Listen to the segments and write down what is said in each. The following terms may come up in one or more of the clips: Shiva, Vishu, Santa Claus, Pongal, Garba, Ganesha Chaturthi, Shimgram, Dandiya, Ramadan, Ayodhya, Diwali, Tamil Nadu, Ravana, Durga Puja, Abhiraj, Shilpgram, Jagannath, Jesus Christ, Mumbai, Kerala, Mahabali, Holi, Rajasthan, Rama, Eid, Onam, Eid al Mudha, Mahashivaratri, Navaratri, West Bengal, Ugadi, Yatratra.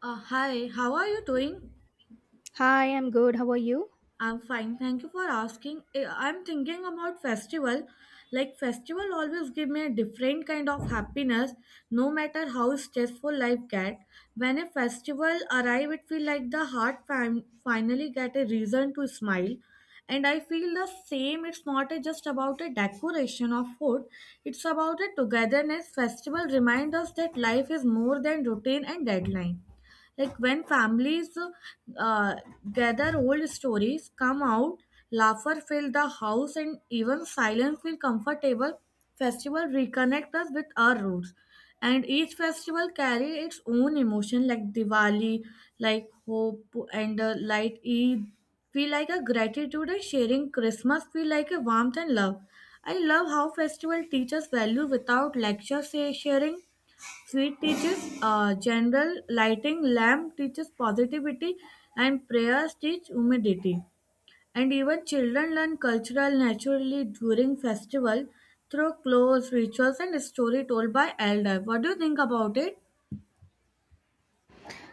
Hi, how are you doing? Hi, I'm good. How are you? I'm fine, thank you for asking. I'm thinking about festival. Like festival always give me a different kind of happiness, no matter how stressful life get. When a festival arrive, it feel like the heart finally get a reason to smile. And I feel the same. It's not a, just about a decoration of food. It's about a togetherness. Festival remind us that life is more than routine and deadline. Like when families uh, gather, old stories come out, laughter fill the house, and even silence feel comfortable. Festival reconnect us with our roots, and each festival carry its own emotion. Like Diwali, like hope and light. Eid feel like a gratitude and sharing. Christmas feel like a warmth and love. I love how festival teaches value without lecture say, sharing. Sweet teaches general lighting, lamp teaches positivity, and prayers teach humidity. And even children learn cultural naturally during festival through clothes, rituals, and story told by elder. What do you think about it?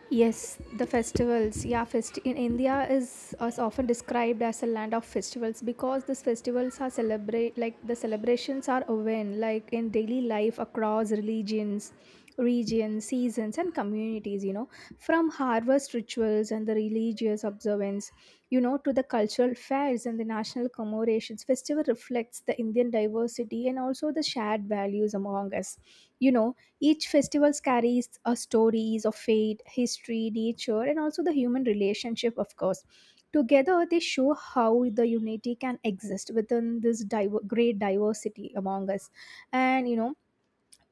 Yes, the festivals. Yeah, fest in India is often described as a land of festivals because these festivals are celebrate like the celebrations are woven like in daily life across religions, regions, seasons, and communities. You know, from harvest rituals festivals and the religious observance, you know, to the cultural fairs and the national commemorations. Festival reflects the Indian diversity and also the shared values among us. You know, each festival carries a stories of fate, history, nature, and also the human relationship, of course. Together, they show how the unity can exist within this great diversity among us. And you know,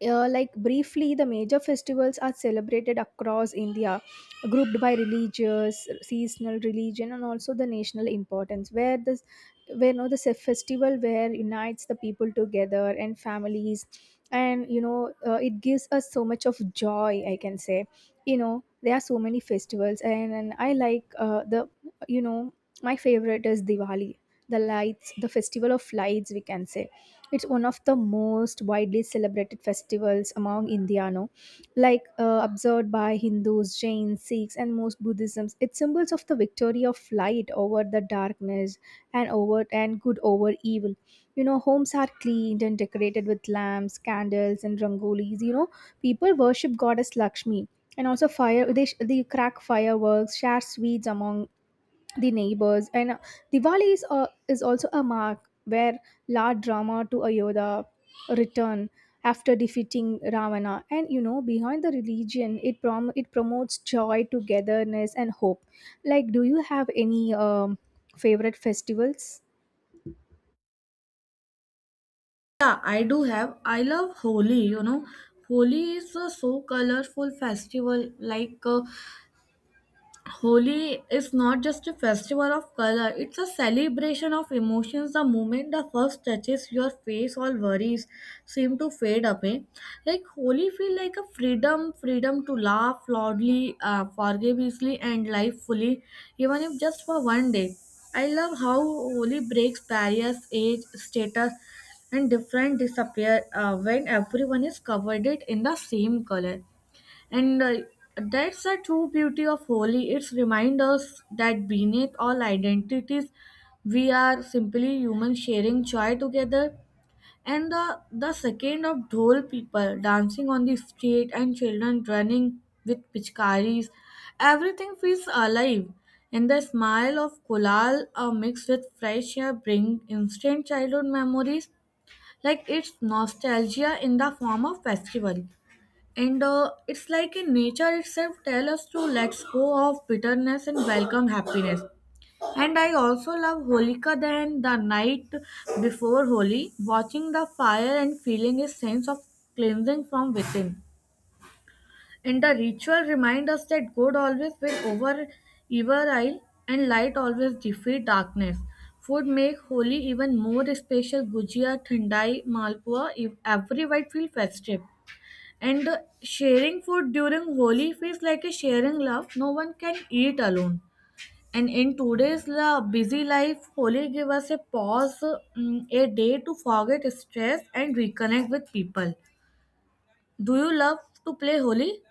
like briefly the major festivals are celebrated across India grouped by religious seasonal religion and also the national importance where this where you know the festival where unites the people together and families, and you know it gives us so much of joy, I can say. You know, there are so many festivals, and I like the you know my favorite is Diwali, the lights, the festival of lights, we can say. It's one of the most widely celebrated festivals among Indiano, like observed by Hindus, Jains, Sikhs, and most Buddhisms. It symbols of the victory of light over the darkness and over and good over evil. You know, homes are cleaned and decorated with lamps, candles, and rangolis. You know, people worship goddess Lakshmi and also fire. They crack fireworks, share sweets among the neighbors, and Diwali is also a mark where Lord Rama to Ayodhya return after defeating Ravana. And you know, behind the religion, it it promotes joy, togetherness, and hope. Like, do you have any favorite festivals? Yeah, I do have. I love Holi, you know. Holi is a so colorful festival. Like Holi is not just a festival of color, it's a celebration of emotions. The moment the first touches your face, all worries seem to fade away. Like Holi feel like a freedom, freedom to laugh loudly, forgive easily and live fully, even if just for one day. I love how Holi breaks barriers, age, status and different disappear when everyone is covered it in the same color. And that's the true beauty of Holi. It's remind us that beneath all identities, we are simply humans sharing joy together. And the second of Dhol people dancing on the street and children running with pichkaris, everything feels alive. And the smile of Kulal mixed with fresh air bring instant childhood memories like it's nostalgia in the form of festival. And it's like in nature itself tell us to let go of bitterness and welcome happiness. And I also love Holika than the night before Holi, watching the fire and feeling a sense of cleansing from within. And the ritual remind us that good always win over evil and light always defeat darkness. Food make Holi even more special. Gujia, Thandai, Malpua, every white feel festive. And the sharing food during Holi feels like a sharing love no one can eat alone. And in today's busy life, Holi gives us a pause, mm, a day to forget stress and reconnect with people. Do you love to play Holi?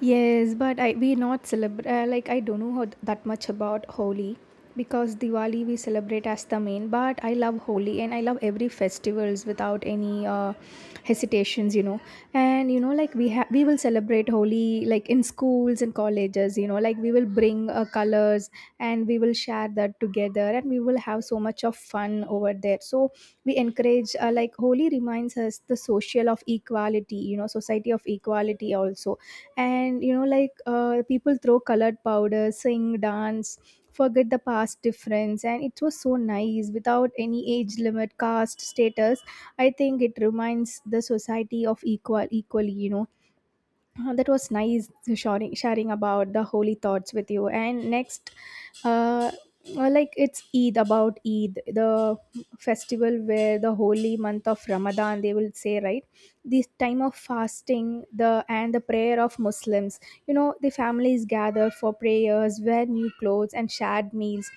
Yes, but I we not celebrate like I don't know how, that much about Holi, because Diwali we celebrate as the main, but I love Holi and I love every festivals without any hesitations, you know. And you know, like we will celebrate Holi like in schools and colleges, you know, like we will bring colors and we will share that together and we will have so much of fun over there. So we encourage like Holi reminds us the social of equality, you know, society of equality also. And you know, like people throw colored powder, sing, dance, forget the past difference, and it was so nice without any age limit, caste, status. I think it reminds the society of equally, you know. That was nice sharing about the holy thoughts with you. And next, uh, like it's Eid, about Eid, the festival where the holy month of Ramadan, they will say, right? This time of fasting, the and the prayer of Muslims. You know, the families gather for prayers, wear new clothes, and shared meals.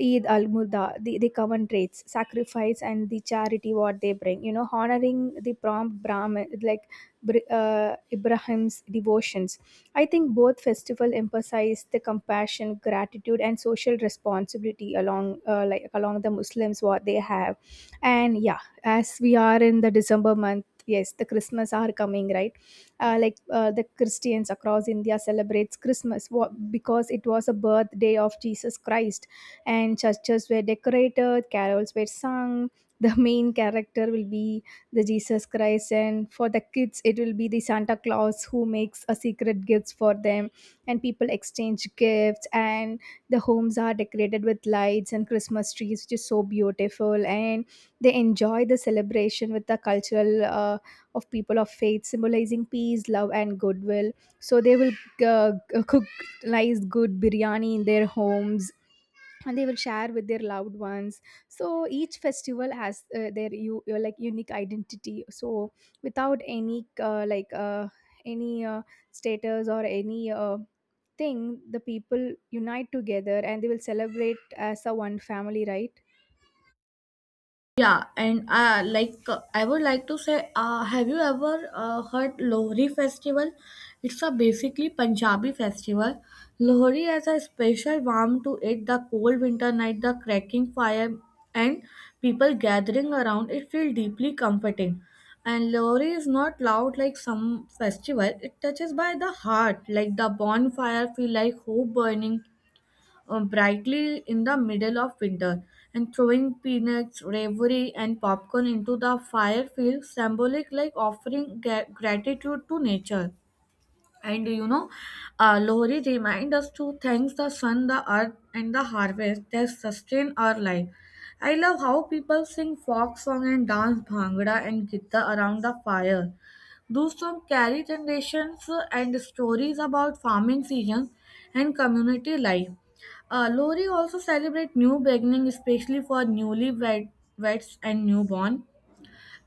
Eid al Mudha, the common traits, sacrifice, and the charity what they bring. You know, honoring the prompt Brahmin, like Ibrahim's devotions. I think both festival emphasize the compassion, gratitude, and social responsibility along like along the Muslims what they have. And yeah, as we are in the December month, yes, the Christmas are coming, right? The Christians across India celebrates Christmas because it was a birthday of Jesus Christ, and churches were decorated, carols were sung. The main character will be the Jesus Christ, and for the kids it will be the Santa Claus who makes a secret gifts for them. And people exchange gifts, and the homes are decorated with lights and Christmas trees, which is so beautiful, and they enjoy the celebration with the cultural of people of faith symbolizing peace, love, and goodwill. So they will uh, cook nice good biryani in their homes and they will share with their loved ones. So each festival has their you your like unique identity. So without any any uh, status or any thing, the people unite together and they will celebrate as a one family, right? Yeah, and I would like to say, have you ever heard Lohri festival? It's a basically Punjabi festival. Lohri has a special warmth to it. The cold winter night, the cracking fire, and people gathering around it feel deeply comforting. And Lohri is not loud like some festival. It touches by the heart, like the bonfire feel like hope burning brightly in the middle of winter, and throwing peanuts, ravioli, and popcorn into the fire feels symbolic, like offering gratitude to nature. And you know, Lohri remind us to thank the sun, the earth, and the harvest that sustain our life. I love how people sing folk song and dance bhangra and gitta around the fire. Those songs carry generations and stories about farming seasons and community life. Lohri also celebrate new beginning, especially for newlyweds and newborn.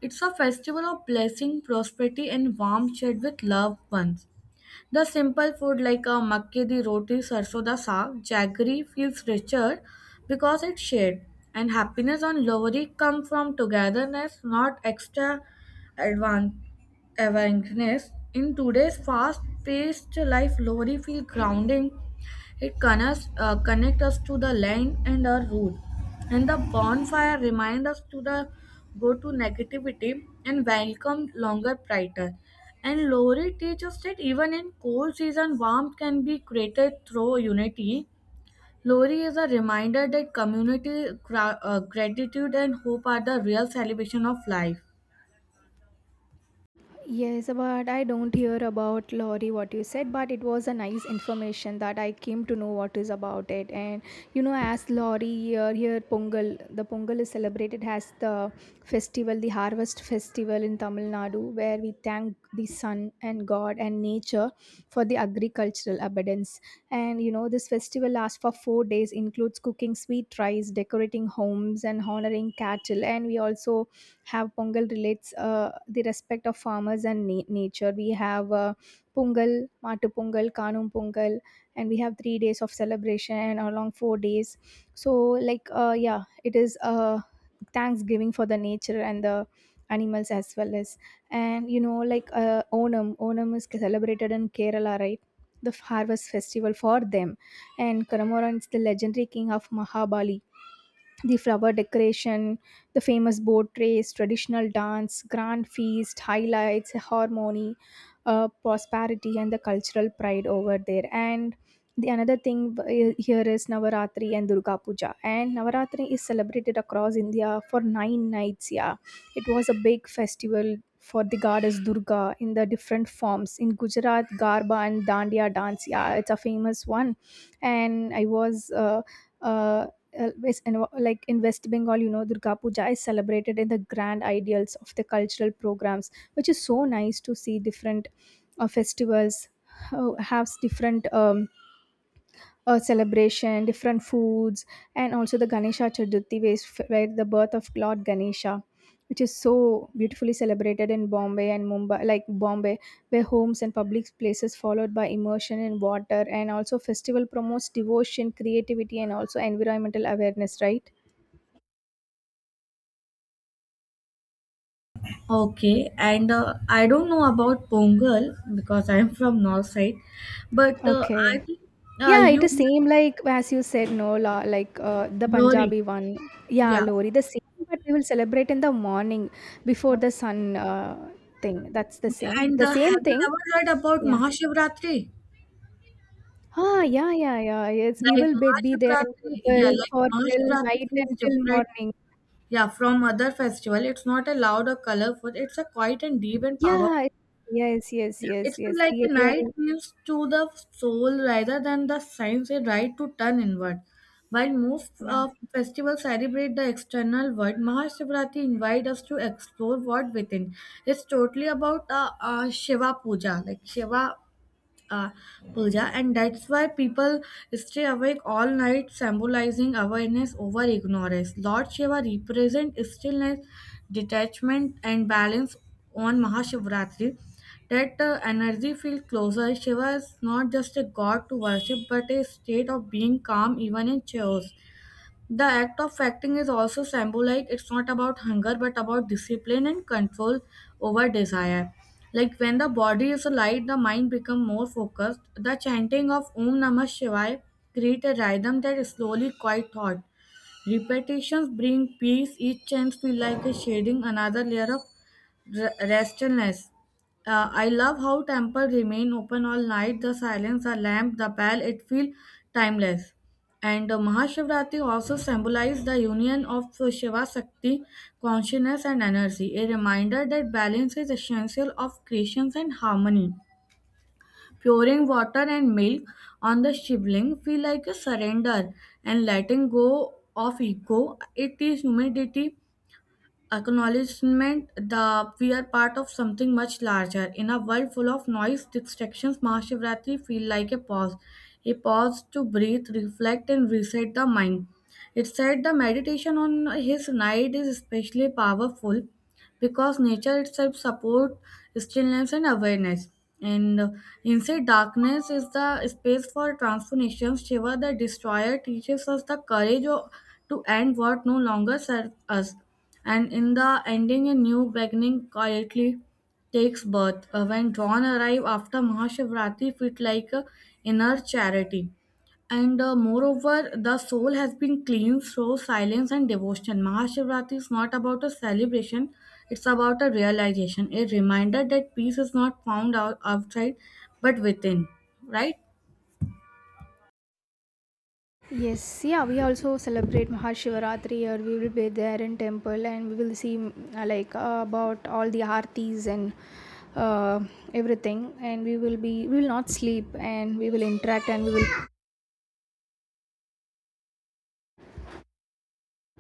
It's a festival of blessing, prosperity, and warm shared with loved ones. The simple food like a makke di roti, sarso da saag, jaggery feels richer because it's shared. And happiness on Lohri come from togetherness, not extra advan- awareness. In today's fast-paced life, Lohri feel grounding it connects, connect us to the land and our root. And the bonfire remind us to the go to negativity and welcome longer brighter. And Lori teaches that even in cold season, warmth can be created through unity. Lori is a reminder that community, gratitude, and hope are the real celebration of life. Yes, but I don't hear about Lori what you said, but it was a nice information that I came to know what is about it. And you know, as Lori here, here Pongal, the Pongal is celebrated as the festival, the harvest festival in Tamil Nadu, where we thank the sun and God and nature for the agricultural abundance. And you know, this festival lasts for 4 days, includes cooking sweet rice, decorating homes, and honoring cattle. And we also have pongal relates the respect of farmers and nature. We have pungal, matu pungal, kanum pungal, and we have 3 days of celebration and along 4 days. So like yeah it is thanksgiving for the nature and the animals as well. As and you know, like onam is celebrated in Kerala, right? The harvest festival for them. And Karamoran is the legendary king of Mahabali, the flower decoration, the famous boat race, traditional dance, grand feast, highlights, harmony, prosperity, and the cultural pride over there. And the another thing here is Navaratri and Durga Puja. And Navaratri is celebrated across India for nine nights. Yeah, it was a big festival for the goddess Durga in the different forms. In Gujarat, Garba and Dandiya dance, yeah, it's a famous one, and I was. Uh, like in West Bengal, you know, Durga Puja is celebrated in the grand ideals of the cultural programs, which is so nice to see different festivals have different a celebration, different foods. And also the Ganesha Chaturthi, where where the birth of Lord Ganesha, which is so beautifully celebrated in Bombay and Mumbai, like Bombay, where homes and public places followed by immersion in water, and also festival promotes devotion, creativity, and also environmental awareness. Right? Okay, and I don't know about Pongal because I am from north side, but I Okay. think Yeah, it you is same like as you said, no, la, like the Gauri. Punjabi one. Yeah, Yeah. Lori, the same, but we will celebrate in the morning before the sun thing. That's And the same have you thing. ever heard about Yeah. Mahashivratri? Ah, yeah, yeah, yeah. Yes, we Like will be there in Mahashivratri, yeah, temple like for till Mahashivratri night feels and till different, morning. yeah, from other festival. It's not a loud or colorful. It's a quiet and deep and powerful. Yeah. Yes, yes, Yeah, yes, it's been yes. like a We are. night gives to the soul rather than the signs a right to turn inward. While most Yeah. Festivals celebrate the external world, Mahashivratri invite us to explore what within. It's totally about Shiva Puja, like Shiva uh, puja, and that's why people stay awake all night, symbolizing awareness over ignorance. Lord Shiva represents stillness, detachment, and balance on Mahashivratri. That energy feels closer. Shiva is not just a god to worship, but a state of being calm even in chaos. The act of acting is also symbolic. It's not about hunger, but about discipline and control over desire. Like when the body is light, the mind becomes more focused. The chanting of Om Namah Shivaya create a rhythm that slowly quiet thought. Repetitions bring peace. Each chant feel like a shading another layer of restlessness. I love how temple remain open all night. The silence, the lamp, the bell. It feel timeless. And Mahashivratri also symbolizes the union of Shiva Shakti, consciousness, and energy, a reminder that balance is essential of creation and harmony. Pouring water and milk on the Shivling feel like a surrender and letting go of ego. It is humidity acknowledgement that we are part of something much larger. In a world full of noise, distractions, Mahashivratri feel like a pause to breathe, reflect, and reset the mind. It said the meditation on his night is especially powerful because nature itself supports stillness and awareness. And inside darkness is the space for transformation. Shiva the Destroyer teaches us the courage to end what no longer serves us. And in the ending, a new beginning quietly takes birth. When dawn arrive after Mahashivratri, fit like a inner charity. And moreover, the soul has been cleansed through silence and devotion. Mahashivratri is not about a celebration, it's about a realization, a reminder that peace is not found out outside but within. Right? Yes, yeah, we also celebrate Mahashivaratri here. We will be there in temple and we will see mm, like about all the artis and uh, everything. And we will not sleep and we will interact,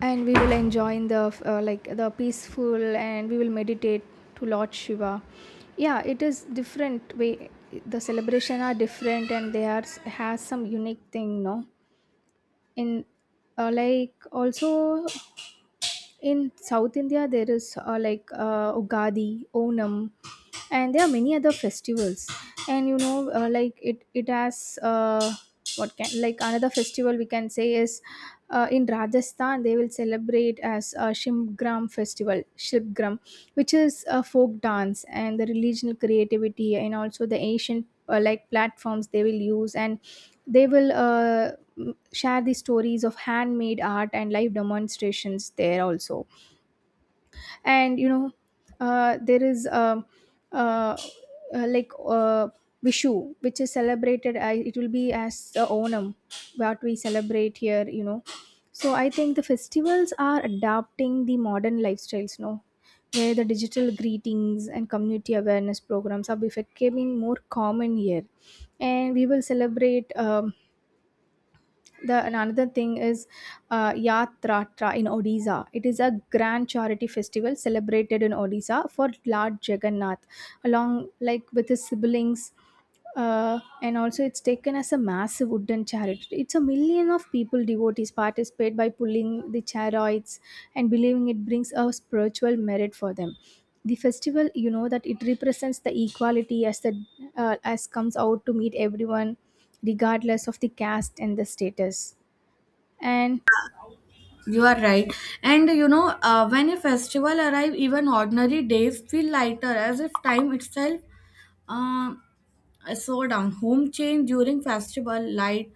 and we will enjoy in the like the peaceful, and we will meditate to Lord Shiva. Yeah, it is different way. The celebration are different and they are has some unique thing, no? In like also in South India, there is Ugadi, Onam, and there are many other festivals. And you know, like it has what can, like another festival we can say is in Rajasthan they will celebrate as Shimgram festival, Shilpgram, which is a folk dance and the religious creativity and also the ancient like platforms they will use, and they will share the stories of handmade art and live demonstrations there also. And you know, there is uh, uh, like uh, Vishu, which is celebrated. I, it will be as Onam, what we celebrate here. You know, so I think the festivals are adapting the modern lifestyles. No, where the digital greetings and community awareness programs are becoming more common here, and we will celebrate. The and another thing is Yatratra in Odisha. It is a grand charity festival celebrated in Odisha for Lord Jagannath, along like with his siblings. And also it's taken as a massive wooden charity. It's a million of people devotees participate by pulling the chariots and believing it brings a spiritual merit for them. The festival, you know, that it represents the equality as the as comes out to meet everyone regardless of the caste and the status. And You are right. And you know, when a festival arrives, even ordinary days feel lighter as if time itself uh, slow down. Home change during festival, light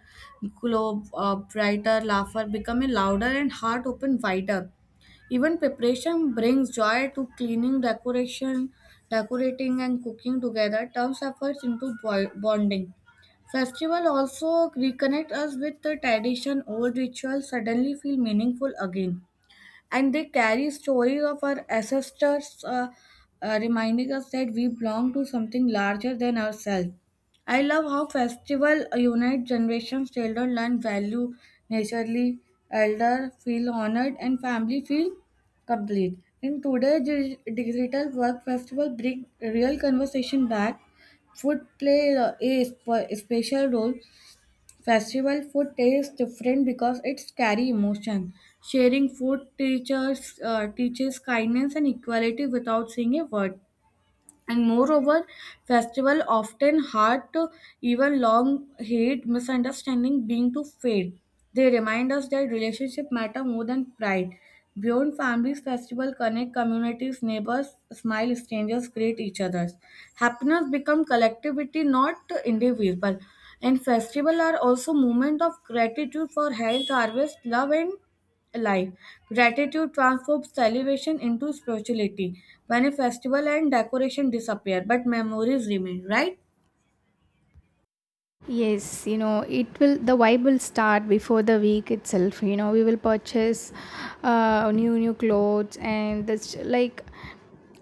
glow brighter, laughter become a louder and heart open wider. Even preparation brings joy to cleaning, decoration, decorating, and cooking together turns efforts into bonding. Festival also reconnect us with the tradition. Old rituals suddenly feel meaningful again and they carry stories of our ancestors, reminding us that we belong to something larger than ourselves. I love how festival unite generations. Children learn value naturally, elder feel honored, and family feel complete. In today's digital work, festival bring real conversation back. Food play a special role. Festival food tastes different because it's carry emotion. Sharing food teachers teaches kindness and equality without saying a word, and moreover festival often hard to even long hate misunderstanding being to fade. They remind us that relationship matter more than pride. Beyond families festival connect communities, neighbors smile, strangers greet each other, happiness become collectivity not individual. And festival are also moment of gratitude for health, harvest, love and life. Gratitude transforms celebration into spirituality when a festival and decoration disappear, but memories remain, right? yes, you know, it will, the vibe will start before the week itself. You know, we will purchase new clothes, and that's like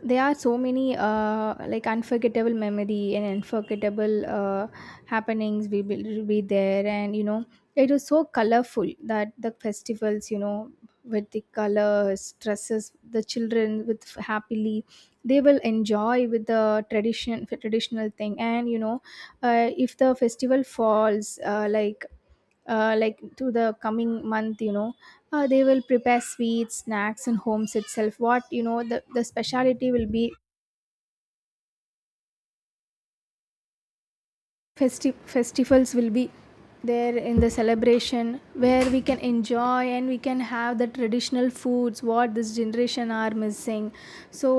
there are so many like unforgettable memory and unforgettable happenings we will be there. And you know, it was so colorful, that the festivals, you know, with the colors, dresses, the children with happily they will enjoy with the traditional thing. And you know, if the festival falls like to the coming month, you know, they will prepare sweets, snacks, and homes itself. What, you know, the speciality will be festivals will be there in the celebration where we can enjoy and we can have the traditional foods what this generation are missing. So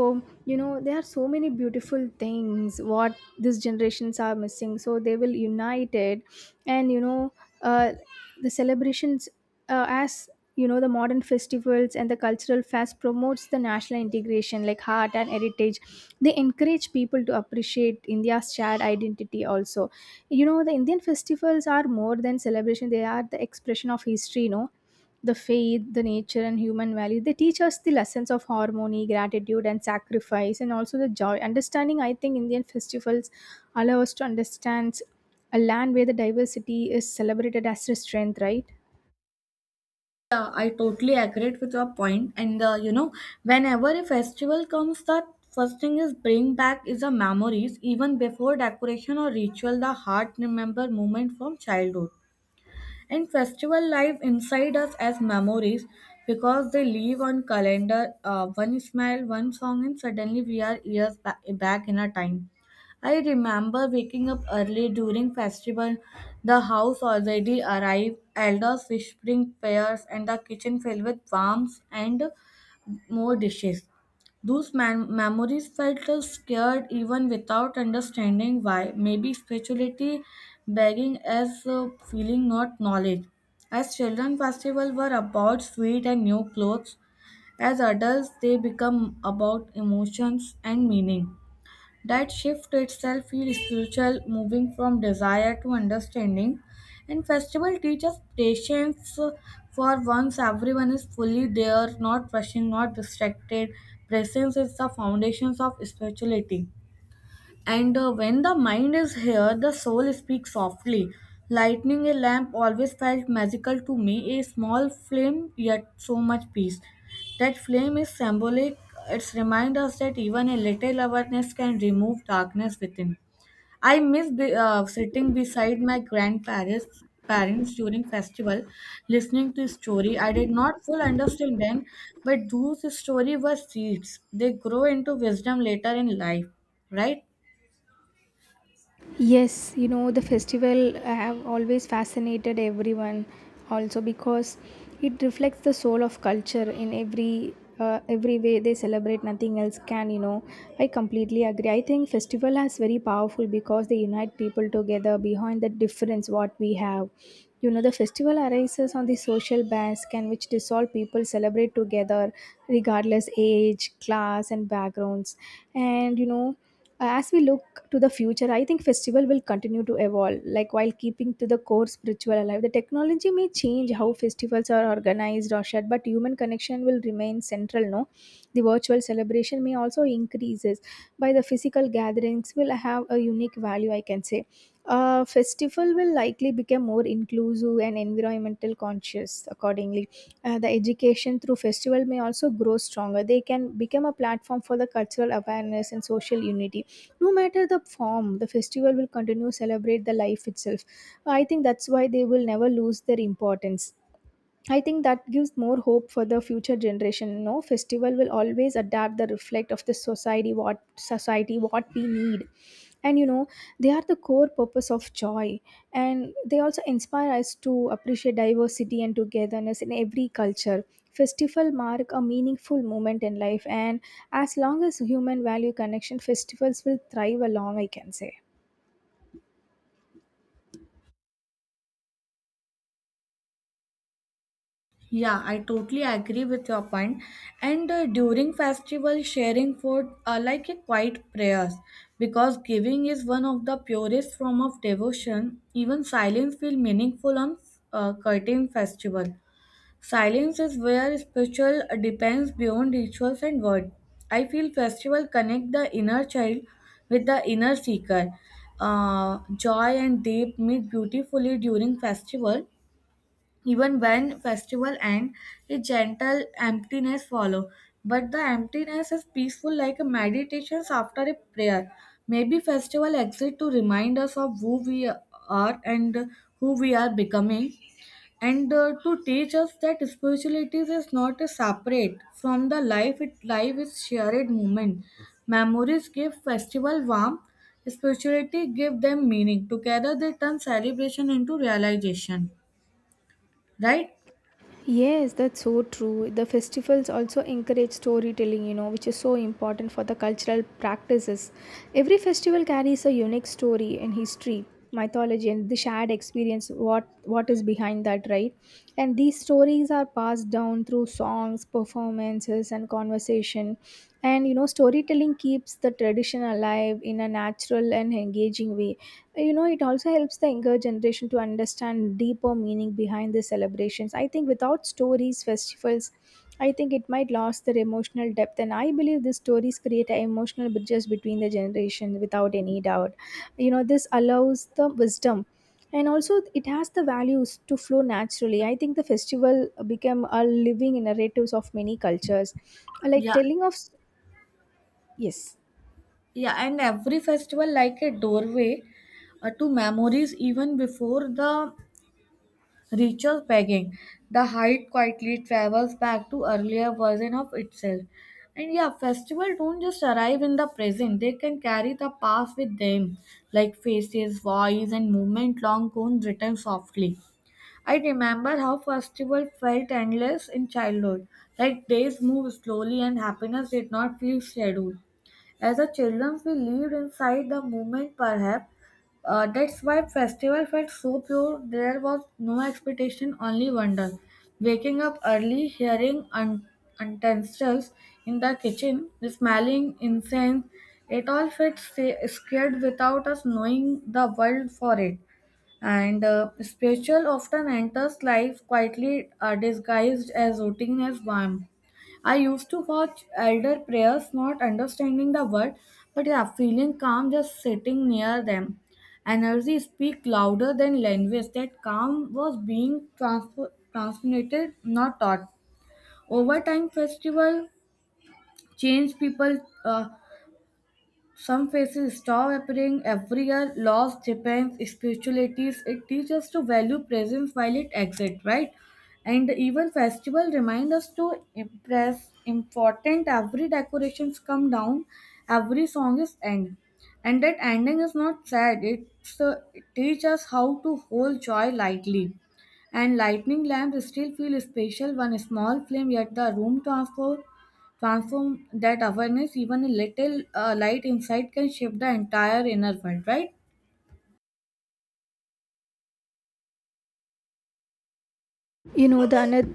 you know, there are so many beautiful things what these generations are missing, so they will unite it. And you know, uh, the celebrations as you know, the modern festivals and the cultural fest promotes the national integration like heart and heritage. They encourage people to appreciate India's shared identity also. You know, the Indian festivals are more than celebration. They are the expression of history, you know, the faith, the nature, and human value. They teach us the lessons of harmony, gratitude, and sacrifice, and also the joy understanding. I think Indian festivals allow us to understand a land where the diversity is celebrated as a strength, right? Yeah, I totally agree with your point. And you know, whenever a festival comes, the first thing is bring back is the memories. Even before decoration or ritual, the heart remember moment from childhood. And festival live inside us as memories because they live on calendar. One smile, one song, and suddenly we are years back in our time. I remember waking up early during festival, the house already arrived, elders whispering prayers, and the kitchen filled with warmth and more dishes. Those memories felt us scared even without understanding why. Maybe spirituality begging as a feeling, not knowledge. As children, festivals were about sweet and new clothes. As adults, they become about emotions and meaning. That shift itself feels spiritual, moving from desire to understanding. And festival teaches patience for once everyone is fully there, not rushing, not distracted. Presence is the foundations of spirituality. And when the mind is here, the soul speaks softly. Lighting a lamp always felt magical to me, a small flame, yet so much peace. That flame is symbolic, it reminds us that even a little awareness can remove darkness within. I miss sitting beside my grandparents parents during festival listening to story I did not full understand then, but those story were seeds, they grow into wisdom later in life, right? Yes, you know, the festival have always fascinated everyone, also because it reflects the soul of culture in every way they celebrate. Nothing else can, you know. I completely agree. I think festival has very powerful because they unite people together behind the difference what we have. You know, the festival arises on the social bands can which dissolve people celebrate together regardless age, class, and backgrounds. And you know, as we look to the future, I think festival will continue to evolve like while keeping to the core spiritual alive. The technology may change how festivals are organized or shared, but human connection will remain central. No, the virtual celebration may also increases by the physical gatherings will have a unique value, I can say. A festival will likely become more inclusive and environmental conscious accordingly. The education through festival may also grow stronger. They can become a platform for the cultural awareness and social unity. No matter the form, the festival will continue to celebrate the life itself. I think that's why they will never lose their importance. I think that gives more hope for the future generation. No, festival will always adapt the reflect of the society, what society what we need. And you know, they are the core purpose of joy. And they also inspire us to appreciate diversity and togetherness in every culture. Festival mark a meaningful moment in life, and as long as human value connection, festivals will thrive along, I can say. Yeah, I totally agree with your point. And during festival, sharing food are like a quiet prayers because giving is one of the purest form of devotion. Even silence feel meaningful on curtain festival. Silence is where spiritual depends beyond rituals and word. I feel festival connect the inner child with the inner seeker. Joy and deep meet beautifully during festival, even when festival end, a gentle emptiness follow. But the emptiness is peaceful like a meditation after a prayer. Maybe festival exist to remind us of who we are and who we are becoming, and to teach us that spirituality is not a separate from the life, it life is shared moment. Memories give festival warmth, spirituality give them meaning, together they turn celebration into realization, right? Yes, that's so true. The festivals also encourage storytelling, you know, which is so important for the cultural practices. Every festival carries a unique story and history, mythology, and the shared experience. What is behind that, right? And these stories are passed down through songs, performances, and conversation. And you know, storytelling keeps the tradition alive in a natural and engaging way. You know, it also helps the younger generation to understand deeper meaning behind the celebrations. I think without stories, festivals, I think it might lose their emotional depth. And I believe these stories create emotional bridges between the generations without any doubt. You know, this allows the wisdom, and also it has the values to flow naturally. I think the festival became a living narratives of many cultures, like Yeah. telling of, yes, Yeah, and every festival like a doorway, to memories even before the ritual begging. The height quietly travels back to earlier version of itself. And yeah, festival don't just arrive in the present, they can carry the past with them, like faces, voice and movement long gone written softly. I remember how festival felt endless in childhood, like days moved slowly and happiness did not feel scheduled. As a children, we lived inside the moment, perhaps. That's why festival felt so pure. There was no expectation, only wonder. Waking up early, hearing utensils in the kitchen, smelling incense, it all felt scared without us knowing the world for it. And spiritual often enters life quietly, disguised as routine as balm. I used to watch elder prayers, not understanding the word, but yeah, feeling calm just sitting near them. Energy speak louder than language. That calm was being transmitted, not taught. Over time, festival change people. Uh, some faces stop appearing every year. Loss depends spiritualities. It teaches us to value presence while it exists, right? And even festival remind us to impress important. Every decorations come down, every song is end, and that ending is not sad. It's it teach us how to hold joy lightly. And lightning lamps still feel special. One small flame, yet the room transform that awareness, even a little light inside can shape the entire inner world, right? you know, the another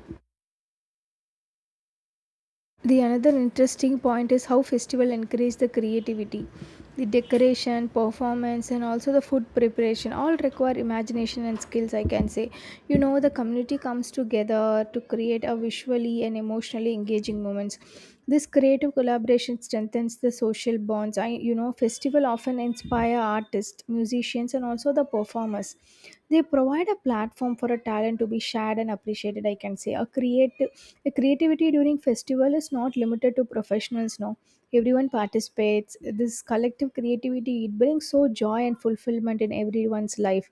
The another interesting point is how festival encourage the creativity. The decoration, performance, and also the food preparation all require imagination and skills, I can say. You know, the community comes together to create a visually and emotionally engaging moments. This creative collaboration strengthens the social bonds. I, you know, festival often inspire artists, musicians, and also the performers. They provide a platform for a talent to be shared and appreciated. I can say a creative, a creativity during festival is not limited to professionals. No, everyone participates. This collective creativity, it brings so joy and fulfillment in everyone's life.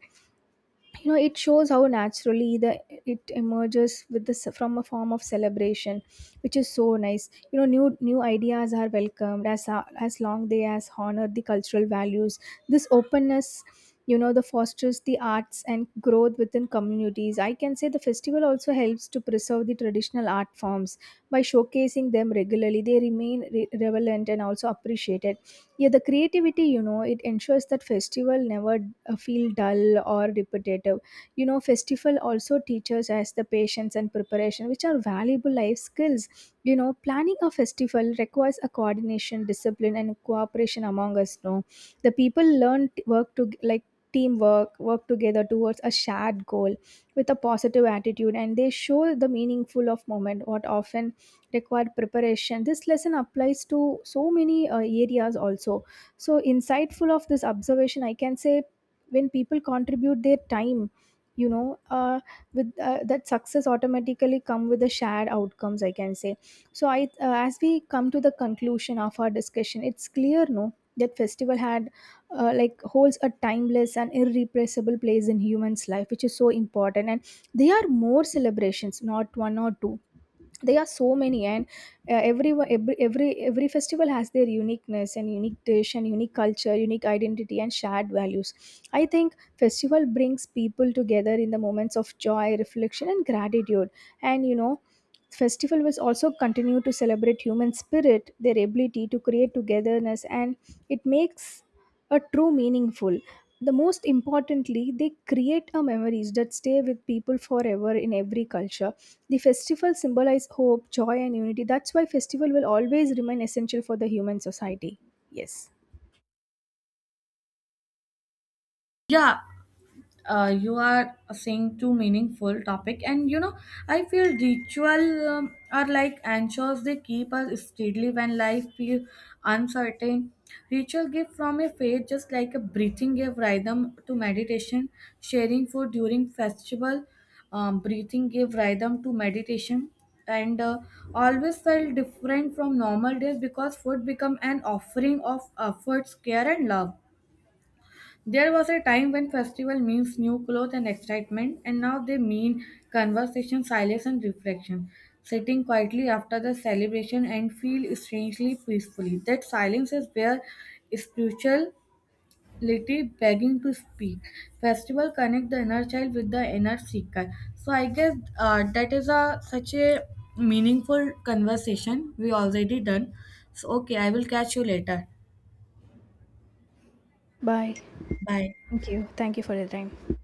You know, it shows how naturally the it emerges with this from a form of celebration, which is so nice. You know, new ideas are welcomed as long they as honor the cultural values. This openness, you know, the fosters the arts and growth within communities, I can say. The festival also helps to preserve the traditional art forms by showcasing them regularly. They remain relevant and also appreciated. Yeah, the creativity, you know, it ensures that festival never feel dull or repetitive. You know, festival also teaches us the patience and preparation, which are valuable life skills. You know, planning a festival requires a coordination, discipline, and cooperation among us. No, the people learn work to like teamwork, work together towards a shared goal with a positive attitude. And they show the meaningful of moment what often required preparation. This lesson applies to so many areas also. So insightful of this observation, I can say. When people contribute their time, you know, with that success automatically come with the shared outcomes, I can say. So I, as we come to the conclusion of our discussion, it's clear. No, that festival had like holds a timeless and irrepressible place in humans life, which is so important. And they are more celebrations, not one or two. There are so many. And every festival has their uniqueness and unique dish and unique culture, unique identity, and shared values. I think festival brings people together in the moments of joy, reflection, and gratitude. And you know, festival will also continue to celebrate human spirit, their ability to create togetherness, and it makes a true meaningful. The most importantly, they create a memories that stay with people forever. In every culture, the festival symbolize hope, joy, and unity. That's why festival will always remain essential for the human society. Yes. Yeah, you are saying too meaningful topic, and you know, I feel ritual are like anchors, they keep us steadily when life feels uncertain. Ritual give from a faith just like a breathing gave rhythm to meditation. Sharing food during festival, breathing gave rhythm to meditation. And always felt different from normal days because food become an offering of efforts care and love. There was a time when festival means new clothes and excitement, and now they mean conversation, silence, and reflection. Sitting quietly after the celebration and feel strangely peacefully. That silence is where spirituality begging to speak. Festival connect the inner child with the inner seeker. So I guess that is a such a meaningful conversation we already done. So okay, I will catch you later. Bye. Bye. Thank you. Thank you for your time.